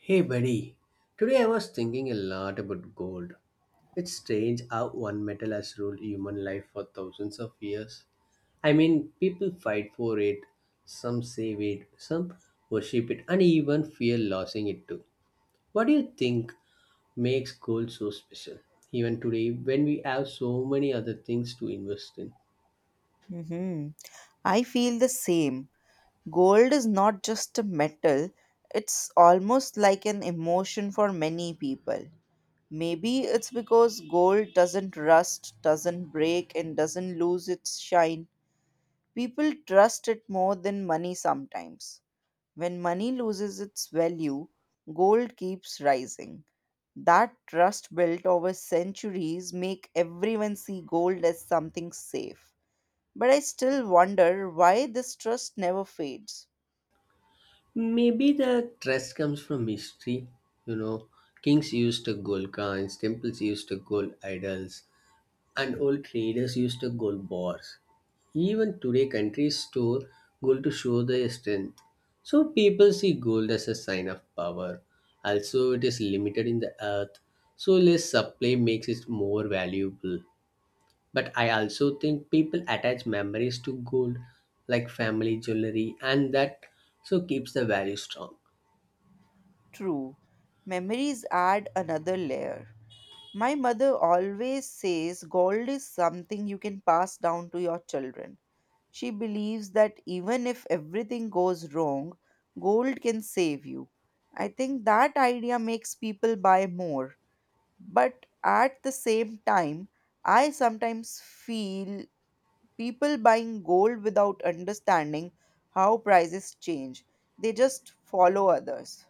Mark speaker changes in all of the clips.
Speaker 1: Hey buddy, today I was thinking a lot about gold. It's strange how one metal has ruled human life for thousands of years. I mean, people fight for it, some save it, some worship it, and even fear losing it too. What do you think makes gold so special, even today when we have so many other things to invest in?
Speaker 2: Mm-hmm. I feel the same. Gold is not just a metal, it's almost like an emotion for many people. Maybe it's because gold doesn't rust, doesn't break, and doesn't lose its shine. People trust it more than money sometimes. When money loses its value, gold keeps rising. That trust built over centuries make everyone see gold as something safe. But I still wonder why this trust never fades.
Speaker 1: Maybe the trust comes from history. You know, Kings used the gold coins, temples used the gold idols, and old traders used gold bars. Even today, countries store gold to show their strength. So people see gold as a sign of power. Also, it is limited in the earth, so less supply makes it more valuable. But I also think people attach memories to gold, like family jewelry, and that so keeps the value strong.
Speaker 2: True, memories add another layer. My mother always says gold is something you can pass down to your children. She believes that even if everything goes wrong, gold can save you. I think that idea makes people buy more. But at the same time, I sometimes feel people buying gold without understanding how prices change. They just follow others.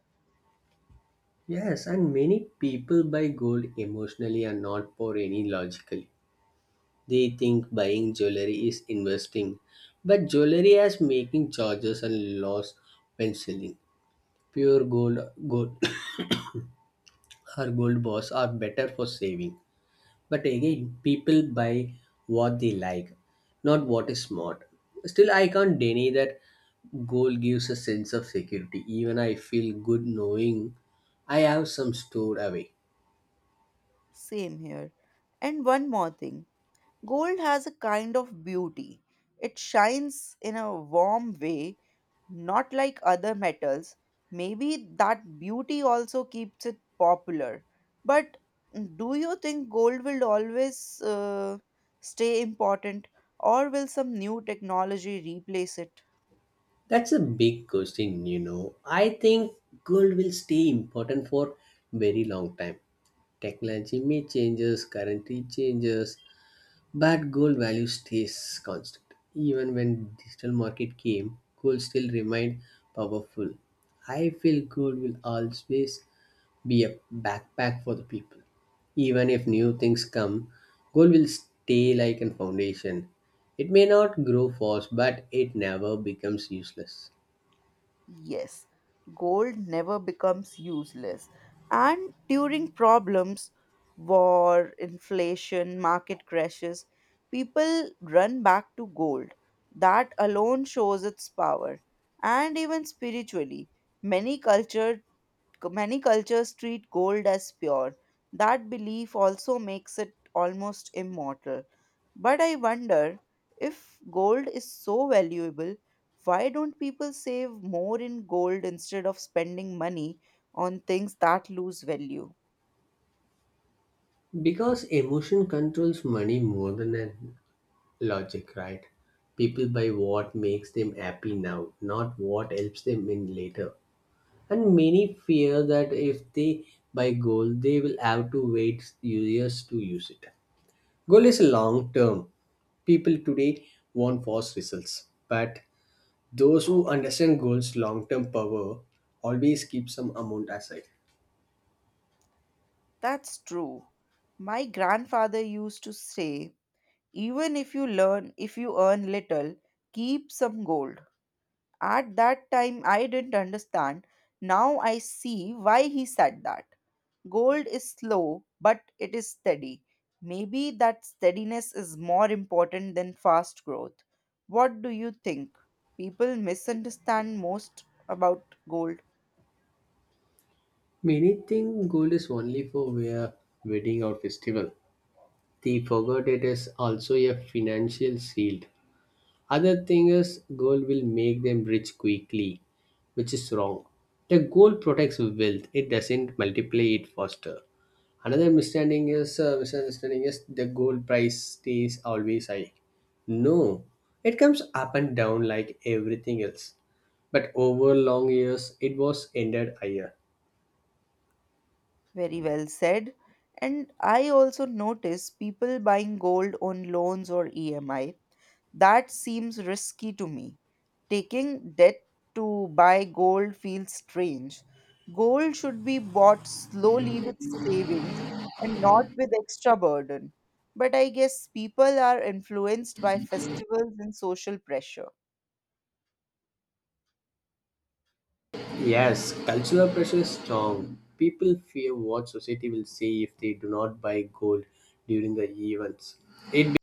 Speaker 1: Yes, and many people buy gold emotionally and not for any logically. They think buying jewelry is investing, but jewelry as making charges and loss when selling. Pure gold or gold bars are better for saving. But again, people buy what they like, not what is smart. Still, I can't deny that gold gives a sense of security. Even I feel good knowing I have some stored away.
Speaker 2: Same here. And one more thing, gold has a kind of beauty. It shines in a warm way, not like other metals. Maybe that beauty also keeps it popular. But do you think gold will always stay important, or will some new technology replace it?
Speaker 1: That's a big question. I think gold will stay important for very long time. Technology may changes, currency changes, but gold value stays constant. Even when digital market came, gold still remained powerful. I feel gold will always be a backpack for the people. Even if new things come, gold will stay like a foundation. It may not grow fast, but it never becomes useless.
Speaker 2: Yes, gold never becomes useless. And during problems, war, inflation, market crashes, people run back to gold. That alone shows its power. And even spiritually, many culture many cultures treat gold as pure. That belief also makes it almost immortal. But I wonder, if gold is so valuable, why don't people save more in gold instead of spending money on things that lose value?
Speaker 1: Because emotion controls money more than logic, right? People buy what makes them happy now, not what helps them in later. And many fear that if they buy gold, they will have to wait years to use it. Gold is long term. People today want fast results, but those who understand gold's long term power always keep some amount aside.
Speaker 2: That's true. My grandfather used to say, even if you earn little, keep some gold. At that time I didn't understand. Now I see why he said that. Gold is slow, but it is steady. Maybe that steadiness is more important than fast growth. What do you think people misunderstand most about gold?
Speaker 1: Many think gold is only for wear, wedding or festival the forgot it is also a financial shield. Other thing is gold will make them rich quickly, which is wrong. The gold protects wealth; it doesn't multiply it faster. Another misunderstanding is the gold price stays always high. No, it comes up and down like everything else. But over long years, it was ended higher.
Speaker 2: Very well said. And I also notice people buying gold on loans or EMI. That seems risky to me. Taking debt to buy gold feels strange. Gold should be bought slowly with savings and not with extra burden. But I guess people are influenced by festivals and social pressure.
Speaker 1: Yes, cultural pressure is strong. People fear what society will say if they do not buy gold during the events. It be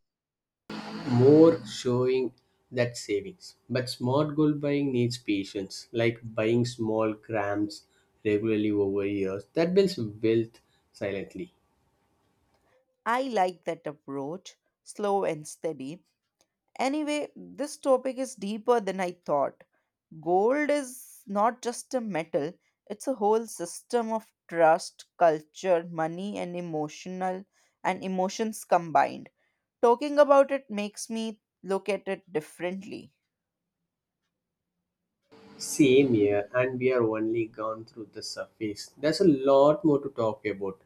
Speaker 1: more showing that savings. But smart gold buying needs patience, like buying small grams regularly over years. That builds wealth silently.
Speaker 2: I like that approach, slow and steady. Anyway, this topic is deeper than I thought. Gold is not just a metal, it's a whole system of trust, culture, money, and emotions combined. Talking about it makes me look at it differently.
Speaker 1: Same here, and we are only gone through the surface. There's a lot more to talk about.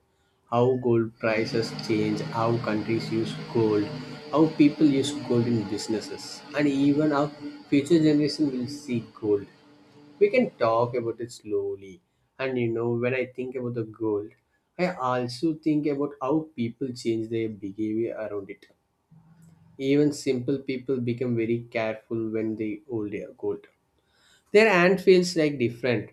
Speaker 1: How gold prices change, how countries use gold, how people use gold in businesses, and even how future generation will see gold. We can talk about it slowly. And when I think about the gold, I also think about how people change their behavior around it. Even simple people become very careful when they hold their gold their hand feels like different.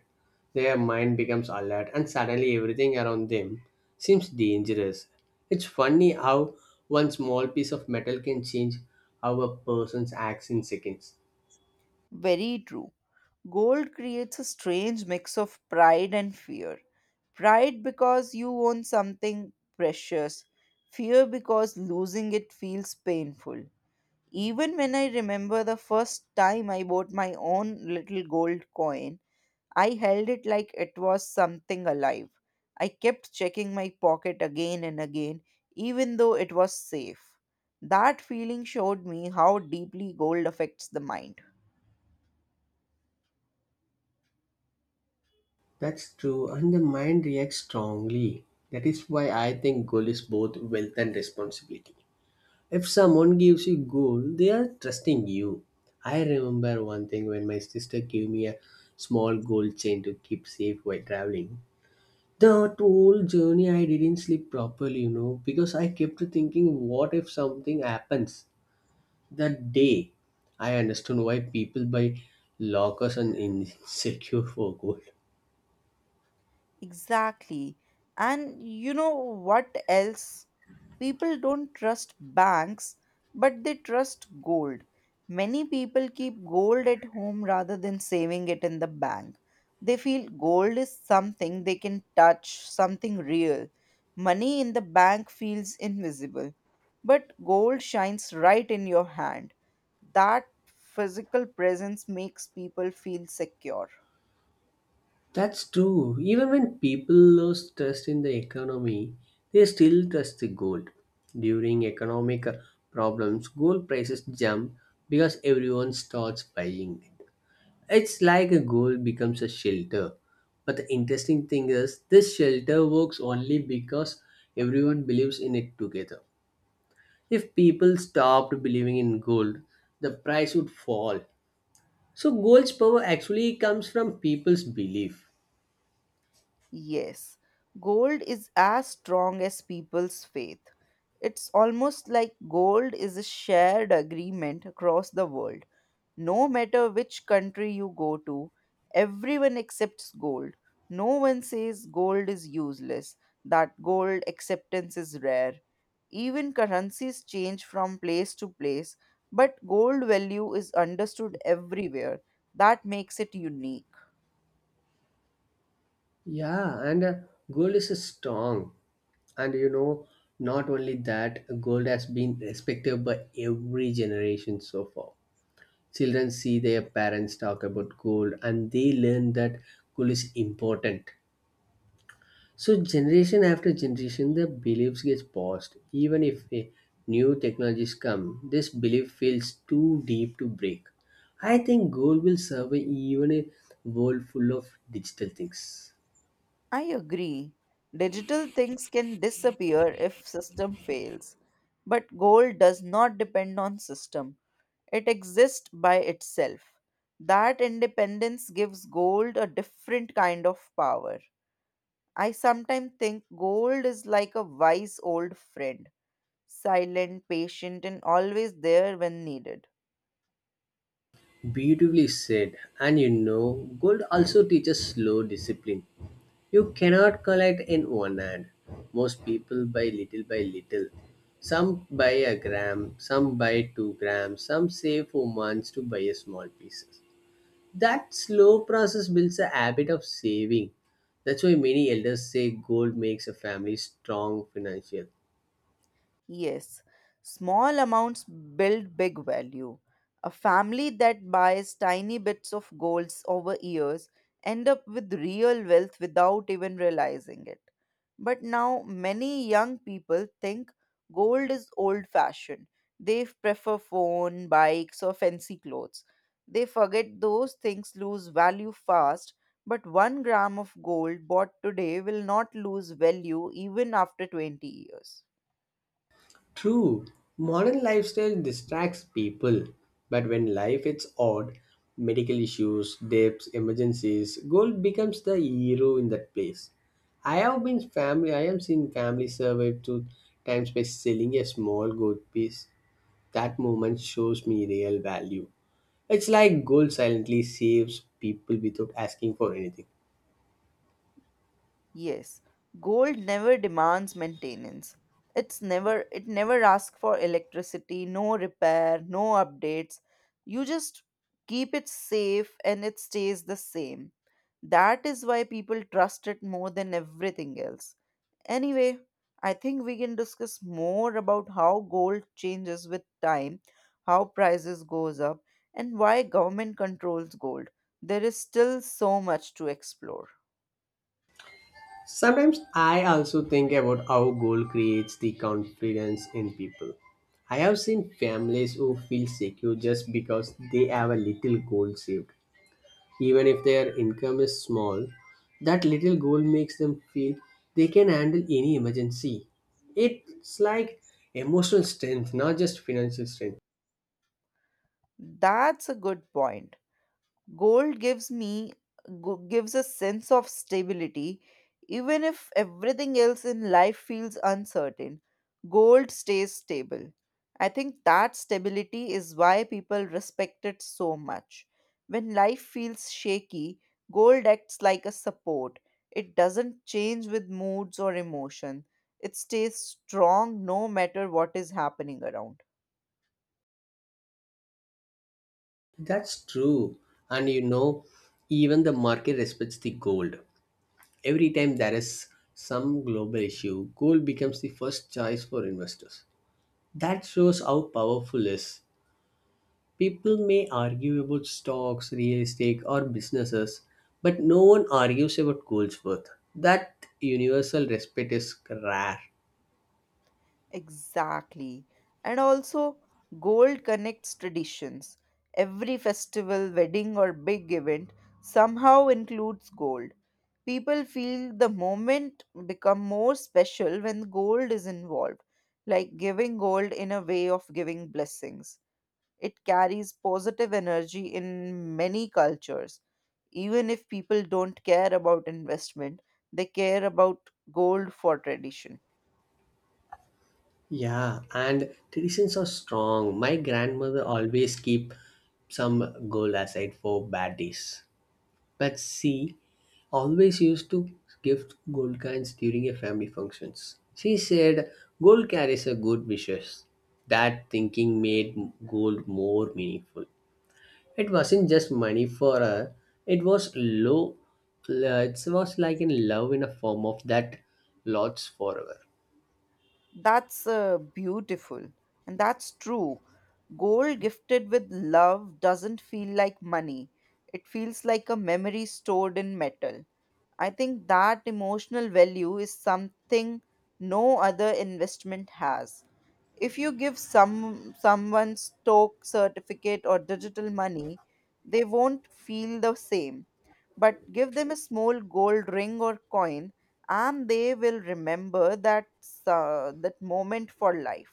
Speaker 1: Their mind becomes alert, and suddenly everything around them seems dangerous. It's funny how one small piece of metal can change how a person acts in seconds.
Speaker 2: Very true. Gold creates a strange mix of pride and fear. Pride because you own something precious, fear because losing it feels painful. Even when I remember the first time I bought my own little gold coin, I held it like it was something alive. I kept checking my pocket again and again, even though it was safe. That feeling showed me how deeply gold affects the mind.
Speaker 1: That's true, and the mind reacts strongly. That is why I think goal is both wealth and responsibility. If someone gives you goal, they are trusting you. I remember one thing when my sister gave me a small gold chain to keep safe while traveling. The whole journey, I didn't sleep properly, because I kept thinking, what if something happens that day? I understood why people buy lockers and insecure for gold.
Speaker 2: Exactly. And you know what else? People don't trust banks, but they trust gold. Many people keep gold at home rather than saving it in the bank. They feel gold is something they can touch, something real. Money in the bank feels invisible, but gold shines right in your hand. That physical presence makes people feel secure.
Speaker 1: That's true. Even when people lose trust in the economy, they still trust the gold. During economic problems, gold prices jump because everyone starts buying. It's like a goal becomes a shelter. But the interesting thing is, this shelter works only because everyone believes in it together. If people stopped believing in gold, the price would fall. So, gold's power actually comes from people's belief.
Speaker 2: Yes, gold is as strong as people's faith. It's almost like gold is a shared agreement across the world. No matter which country you go to, everyone accepts gold. No one says gold is useless, that gold acceptance is rare. Even currencies change from place to place, but gold value is understood everywhere. That makes it unique.
Speaker 1: Yeah, and gold is a strong. And not only that, gold has been respected by every generation so far. Children see their parents talk about gold and they learn that gold is important. So generation after generation the beliefs gets passed. Even if a new technologies come, this belief feels too deep to break. I think gold will survive even a world full of digital things.
Speaker 2: I agree. Digital things can disappear if system fails, but gold does not depend on system. It exists by itself. That independence gives gold a different kind of power. I sometimes think gold is like a wise old friend, silent, patient, and always there when needed.
Speaker 1: Beautifully said. And gold also teaches slow discipline. You cannot collect in one hand. Most people buy little by little. Some buy a gram, some buy 2 grams, some save for months to buy a small pieces. That slow process builds a habit of saving. That's why many elders say gold makes a family strong financial.
Speaker 2: Yes, small amounts build big value. A family that buys tiny bits of golds over years end up with real wealth without even realizing it. But now many young people think gold is old fashioned. They prefer phone, bikes or fancy clothes. They forget those things lose value fast, but 1 gram of gold bought today will not lose value even after 20 years.
Speaker 1: True, modern lifestyle distracts people, but when life is odd, medical issues, debts, emergencies, gold becomes the hero in that place. I have been family. I have seen family survive to times by selling a small gold piece. That moment shows me real value. It's like gold silently saves people without asking for anything.
Speaker 2: Yes, gold never demands maintenance. It never asks for electricity, no repair, no updates. You just keep it safe and it stays the same. That is why people trust it more than everything else. Anyway, I think we can discuss more about how gold changes with time, how prices goes up, and why government controls gold. There is still so much to explore.
Speaker 1: Sometimes I also think about how goal creates the confidence in people. I have seen families who feel secure just because they have a little goal saved. Even if their income is small, that little goal makes them feel they can handle any emergency. It's like emotional strength, not just financial strength.
Speaker 2: That's a good point. Gold gives gives a sense of stability even if everything else in life feels uncertain. Gold stays stable. I think that stability is why people respect it so much. When life feels shaky, gold acts like a support. It doesn't change with moods or emotion. It stays strong no matter what is happening around.
Speaker 1: That's true. And even the market respects the gold. Every time there is some global issue, gold becomes the first choice for investors. That shows how powerful it is. People may argue about stocks, real estate, or businesses, but no one argues about gold's worth. That universal respect is rare.
Speaker 2: Exactly. And also, gold connects traditions. Every festival, wedding, or big event somehow includes gold. People feel the moment become more special when gold is involved, like giving gold in a way of giving blessings. It carries positive energy in many cultures. Even if people don't care about investment, they care about gold for tradition.
Speaker 1: Yeah, and traditions are strong. My grandmother always keep some gold aside for bad days. But she always used to gift gold coins during a family functions. She said gold carries a good wishes. That thinking made gold more meaningful. It wasn't just money for her. It was low. It was like in love in a form of that lasts forever.
Speaker 2: That's beautiful. And that's true. Gold gifted with love doesn't feel like money, it feels like a memory stored in metal. I think that emotional value is something no other investment has. If you give someone stock certificate or digital money, they won't feel the same, but give them a small gold ring or coin, and they will remember that moment for life.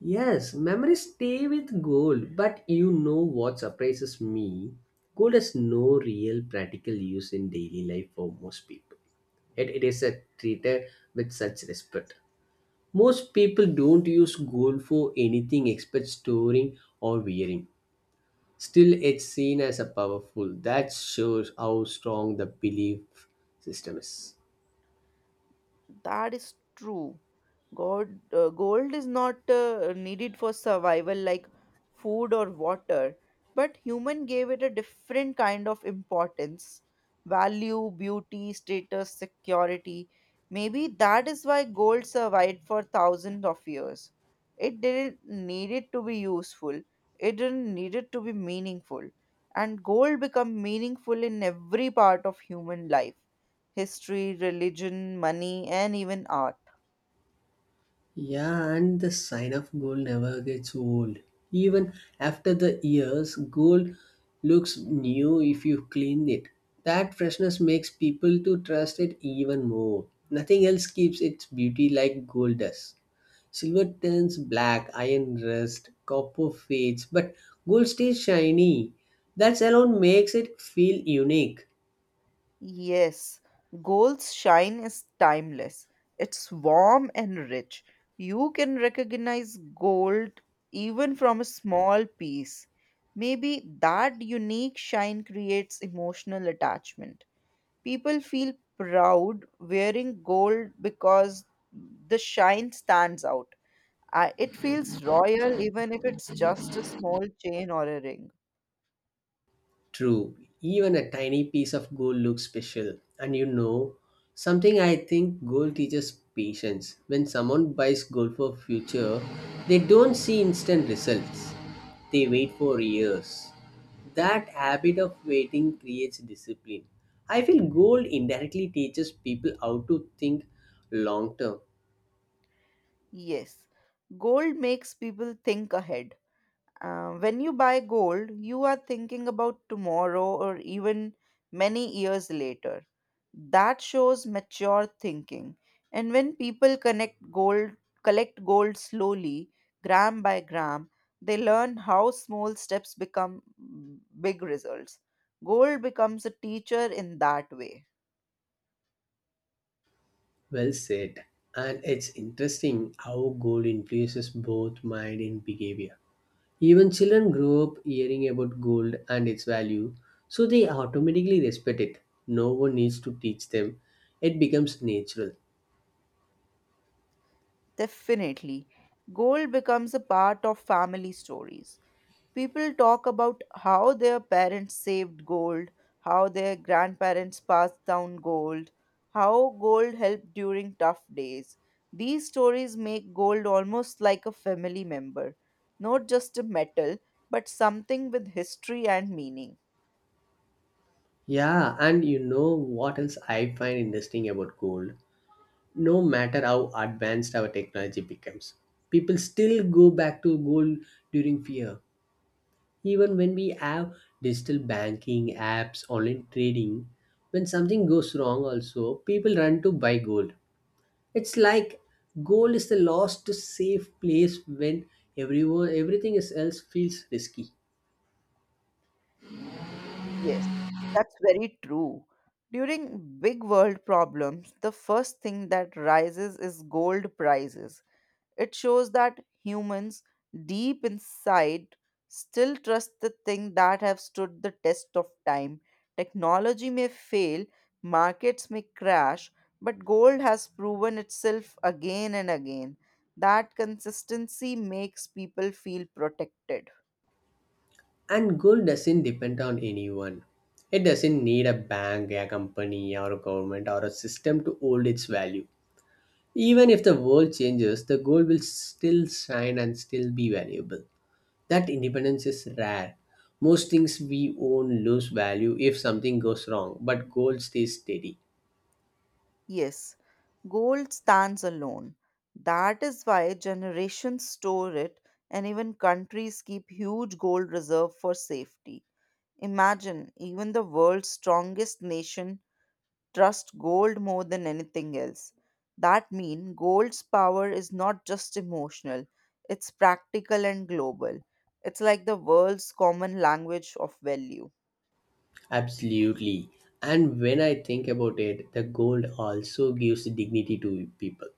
Speaker 1: Yes, memories stay with gold, but you know what surprises me? Gold has no real practical use in daily life for most people. Yet it is a treated with such respect. Most people don't use gold for anything except storing or wearing. Still, it's seen as a powerful. That shows how strong the belief system is.
Speaker 2: That is true. Gold is not needed for survival like food or water, but human gave it a different kind of importance, value, beauty, status, security. Maybe that is why gold survived for thousands of years. It didn't need it to be useful. It didn't need it to be meaningful. And gold become meaningful in every part of human life, history, religion, money, and even art.
Speaker 1: Yeah, and the sign of gold never gets old. Even after the years, gold looks new if you clean it. That freshness makes people to trust it even more. Nothing else keeps its beauty like gold does. Silver turns black, iron rust, copper fades, but gold stays shiny. That alone makes it feel unique.
Speaker 2: Yes, gold's shine is timeless. It's warm and rich. You can recognize gold even from a small piece. Maybe that unique shine creates emotional attachment. People feel proud wearing gold because the shine stands out. It feels royal even if it's just a small chain or a ring.
Speaker 1: True, even a tiny piece of gold looks special. And something I think gold teaches patience. When someone buys gold for future, they don't see instant results. They wait for years. That habit of waiting creates discipline. I feel gold indirectly teaches people how to think long term.
Speaker 2: Yes, gold makes people think ahead. When you buy gold, you are thinking about tomorrow or even many years later. That shows mature thinking. And when people collect gold slowly, gram by gram, they learn how small steps become big results. Gold becomes a teacher in that way.
Speaker 1: Well said. And it's interesting how gold influences both mind and behavior. Even children grow up hearing about gold and its value, so they automatically respect it. No one needs to teach them, it becomes natural.
Speaker 2: Definitely. Gold becomes a part of family stories. People talk about how their parents saved gold, how their grandparents passed down gold, how gold helped during tough days. These stories make gold almost like a family member, not just a metal, but something with history and meaning.
Speaker 1: Yeah, and you know what else I find interesting about gold? No matter how advanced our technology becomes, people still go back to gold during fear. Even when we have digital banking, apps, online trading, when something goes wrong, also people run to buy gold. It's like gold is the lost safe place when everyone everything is else feels risky.
Speaker 2: Yes, that's very true. During big world problems, the first thing that rises is gold prices. It shows that humans deep inside still trust the things that have stood the test of time. Technology may fail, markets may crash, but gold has proven itself again and again. That consistency makes people feel protected.
Speaker 1: And gold doesn't depend on anyone. It doesn't need a bank, a company, or a government or a system to hold its value. Even if the world changes, the gold will still shine and still be valuable. That independence is rare. Most things we own lose value if something goes wrong, but gold stays steady.
Speaker 2: Yes, gold stands alone. That is why generations store it and even countries keep huge gold reserve for safety. Imagine, even the world's strongest nation trust gold more than anything else. That means gold's power is not just emotional, it's practical and global. It's like the world's common language of value.
Speaker 1: Absolutely. And when I think about it, the gold also gives dignity to people.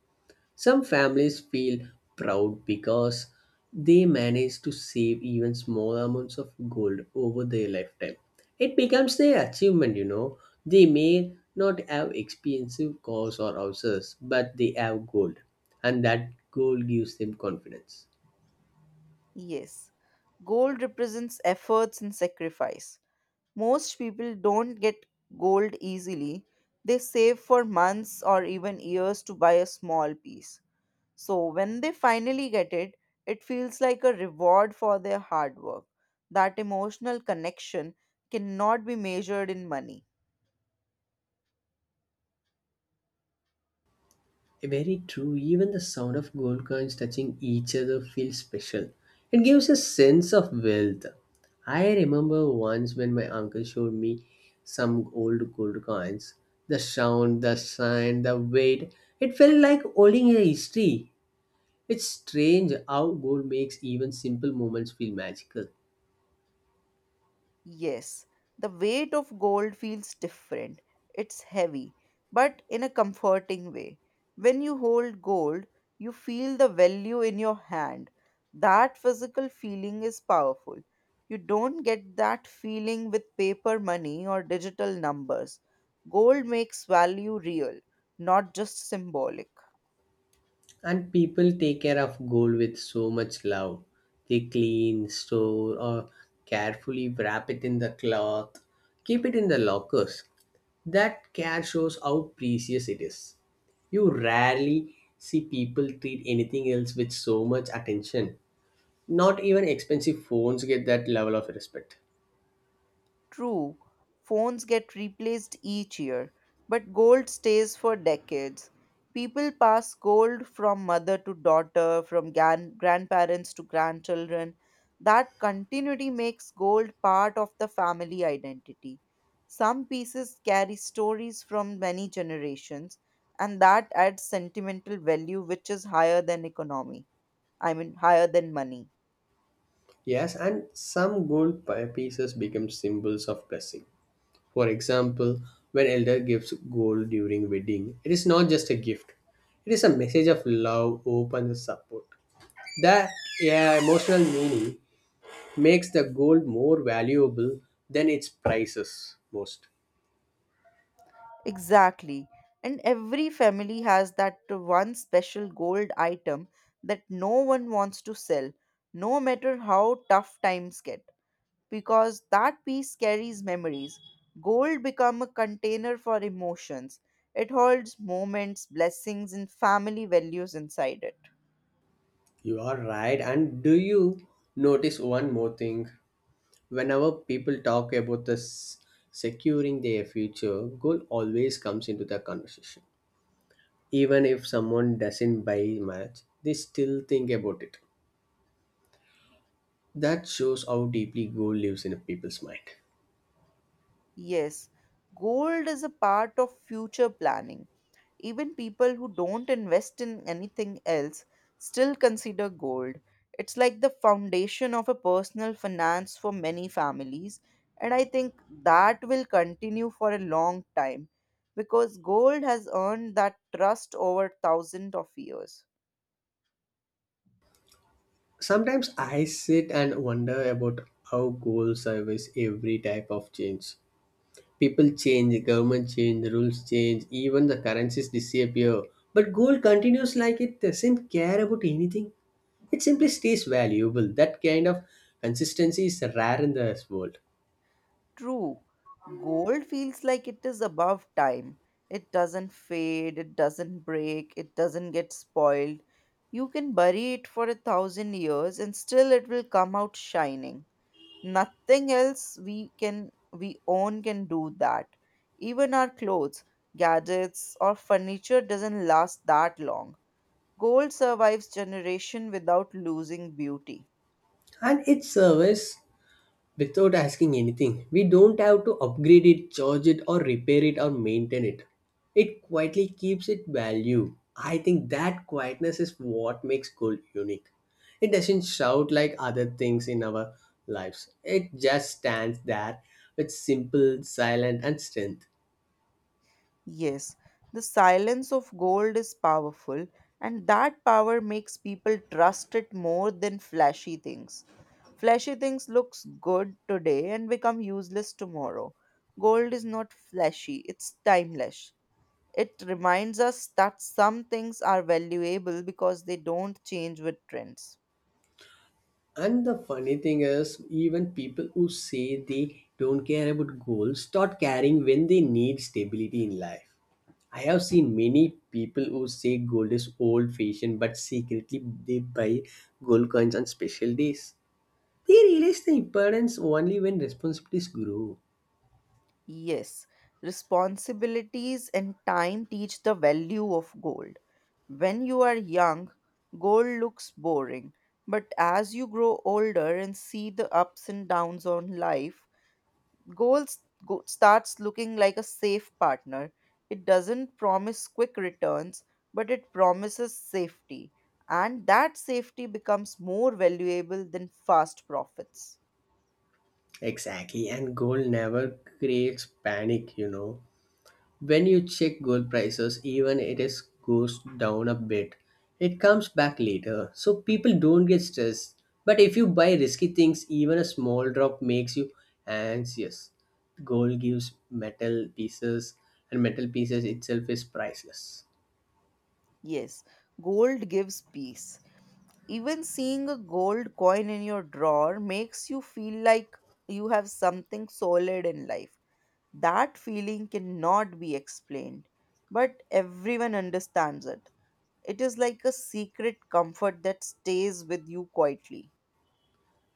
Speaker 1: Some families feel proud because they manage to save even small amounts of gold over their lifetime. It becomes their achievement. They may not have expensive cars or houses, but they have gold, and that gold gives them confidence.
Speaker 2: Yes, gold represents efforts and sacrifice. Most people don't get gold easily. They save for months or even years to buy a small piece. So when they finally get it, it feels like a reward for their hard work. That emotional connection cannot be measured in money.
Speaker 1: Very true. Even the sound of gold coins touching each other feels special. It gives a sense of wealth. I remember once when my uncle showed me some old gold coins. The sound, the shine, the weight, it felt like holding a history. It's strange how gold makes even simple moments feel magical.
Speaker 2: Yes, the weight of gold feels different. It's heavy, but in a comforting way. When you hold gold, you feel the value in your hand. That physical feeling is powerful. You don't get that feeling with paper money or digital numbers. Gold makes value real, not just symbolic.
Speaker 1: And people take care of gold with so much love. They clean, store, or carefully wrap it in the cloth, keep it in the lockers. That care shows how precious it is. You rarely see people treat anything else with so much attention. Not even expensive phones get that level of respect.
Speaker 2: True, phones get replaced each year, but gold stays for decades. People pass gold from mother to daughter, from grandparents to grandchildren. That continuity makes gold part of the family identity. Some pieces carry stories from many generations, and that adds sentimental value, which is higher than economy. I mean, higher than money.
Speaker 1: Yes, and some gold pieces become symbols of blessing. For example, when elder gives gold during wedding, it is not just a gift. It is a message of love, hope and support. That yeah, emotional meaning makes the gold more valuable than its prices most.
Speaker 2: Exactly. And every family has that one special gold item that no one wants to sell, no matter how tough times get, because that piece carries memories. Gold become a container for emotions. It holds moments, blessings and family values inside it.
Speaker 1: You are right. And do you notice one more thing? Whenever people talk about this securing their future, gold always comes into the conversation. Even if someone doesn't buy much, they still think about it. That shows how deeply goal lives in a people's mind.
Speaker 2: Yes, gold is a part of future planning. Even people who don't invest in anything else still consider gold. It's like the foundation of a personal finance for many families, and I think that will continue for a long time because gold has earned that trust over thousands of years.
Speaker 1: Sometimes I sit and wonder about how goal survives every type of change. People change, government change, rules change, even the currencies disappear. But goal continues like it doesn't care about anything. It simply stays valuable. That kind of consistency is rare in this world.
Speaker 2: True. Gold feels like it is above time. It doesn't fade, it doesn't break, it doesn't get spoiled. You can bury it for a thousand years and still it will come out shining. Nothing else we own can do that. Even our clothes, gadgets or furniture doesn't last that long. Gold survives generation without losing beauty.
Speaker 1: And it survives without asking anything. We don't have to upgrade it, charge it, or repair it or maintain it. It quietly keeps its value. I think that quietness is what makes gold unique. It doesn't shout like other things in our lives, it just stands there with simple, silent, and strength.
Speaker 2: Yes, the silence of gold is powerful, and that power makes people trust it more than flashy things. Flashy things looks good today and become useless tomorrow. Gold is not flashy, it's timeless. It reminds us that some things are valuable because they don't change with trends.
Speaker 1: And the funny thing is, even people who say they don't care about goals start caring when they need stability in life. I have seen many people who say gold is old fashioned, but secretly they buy gold coins on special days. They realize the importance only when responsibilities grow.
Speaker 2: Yes, responsibilities and time teach the value of gold. When you are young, gold looks boring, but as you grow older and see the ups and downs on life, gold starts looking like a safe partner. It doesn't promise quick returns, but it promises safety, and that safety becomes more valuable than fast profits.
Speaker 1: Exactly, and gold never creates panic. When you check gold prices, even it is goes down a bit, it comes back later. So people don't get stressed. But if you buy risky things, even a small drop makes you anxious. Gold gives metal pieces, and metal pieces itself is priceless.
Speaker 2: Yes, gold gives peace. Even seeing a gold coin in your drawer makes you feel like you have something solid in life. That feeling cannot be explained, but everyone understands it. It is like a secret comfort that stays with you quietly.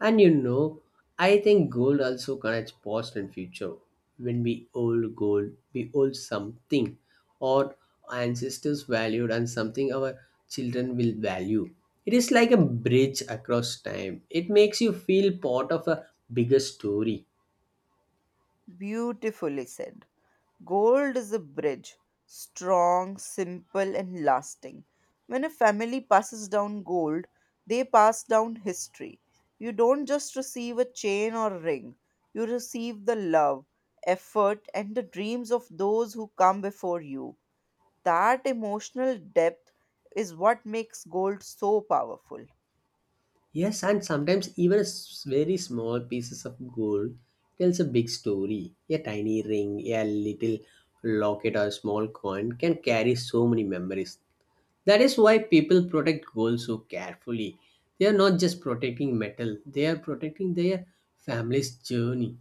Speaker 1: And I think gold also connects past and future. When we hold gold, we hold something or our ancestors valued and something our children will value. It is like a bridge across time. It makes you feel part of a bigger story.
Speaker 2: Beautifully said. Gold is a bridge, strong, simple, and lasting. When a family passes down gold, they pass down history. You don't just receive a chain or ring, you receive the love, effort, and the dreams of those who come before you. That emotional depth is what makes gold so powerful.
Speaker 1: Yes, and sometimes even a very small pieces of gold tells a big story. A tiny ring, a little locket or a small coin can carry so many memories. That is why people protect gold so carefully. They are not just protecting metal, they are protecting their family's journey.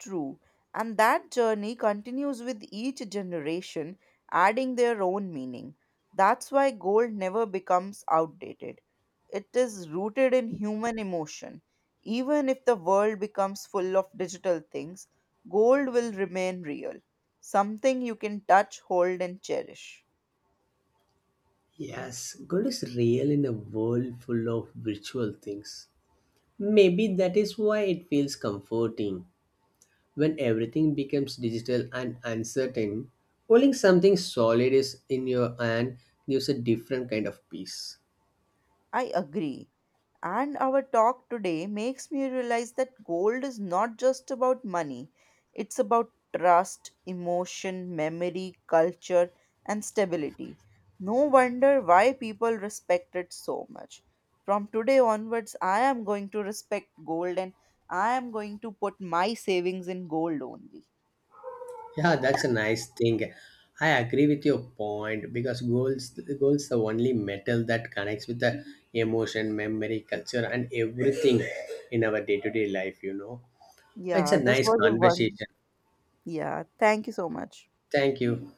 Speaker 2: True. And that journey continues with each generation, adding their own meaning. That's why gold never becomes outdated. It is rooted in human emotion. Even if the world becomes full of digital things, gold will remain real, something you can touch, hold, and cherish.
Speaker 1: Yes, gold is real in a world full of virtual things. Maybe that is why it feels comforting. When everything becomes digital and uncertain, holding something solid is in your hand gives a different kind of peace.
Speaker 2: I agree. And our talk today makes me realize that gold is not just about money, it's about trust, emotion, memory, culture, and stability. No wonder why people respect it so much. From today onwards, I am going to respect gold and I am going to put my savings in gold only.
Speaker 1: Yeah, that's a nice thing. I agree with your point because goals the only metal that connects with the emotion, memory, culture, and everything in our day to day life. It's
Speaker 2: Yeah,
Speaker 1: a
Speaker 2: this
Speaker 1: nice
Speaker 2: was a one.
Speaker 1: conversation.
Speaker 2: Yeah, thank you so much.
Speaker 1: Thank you.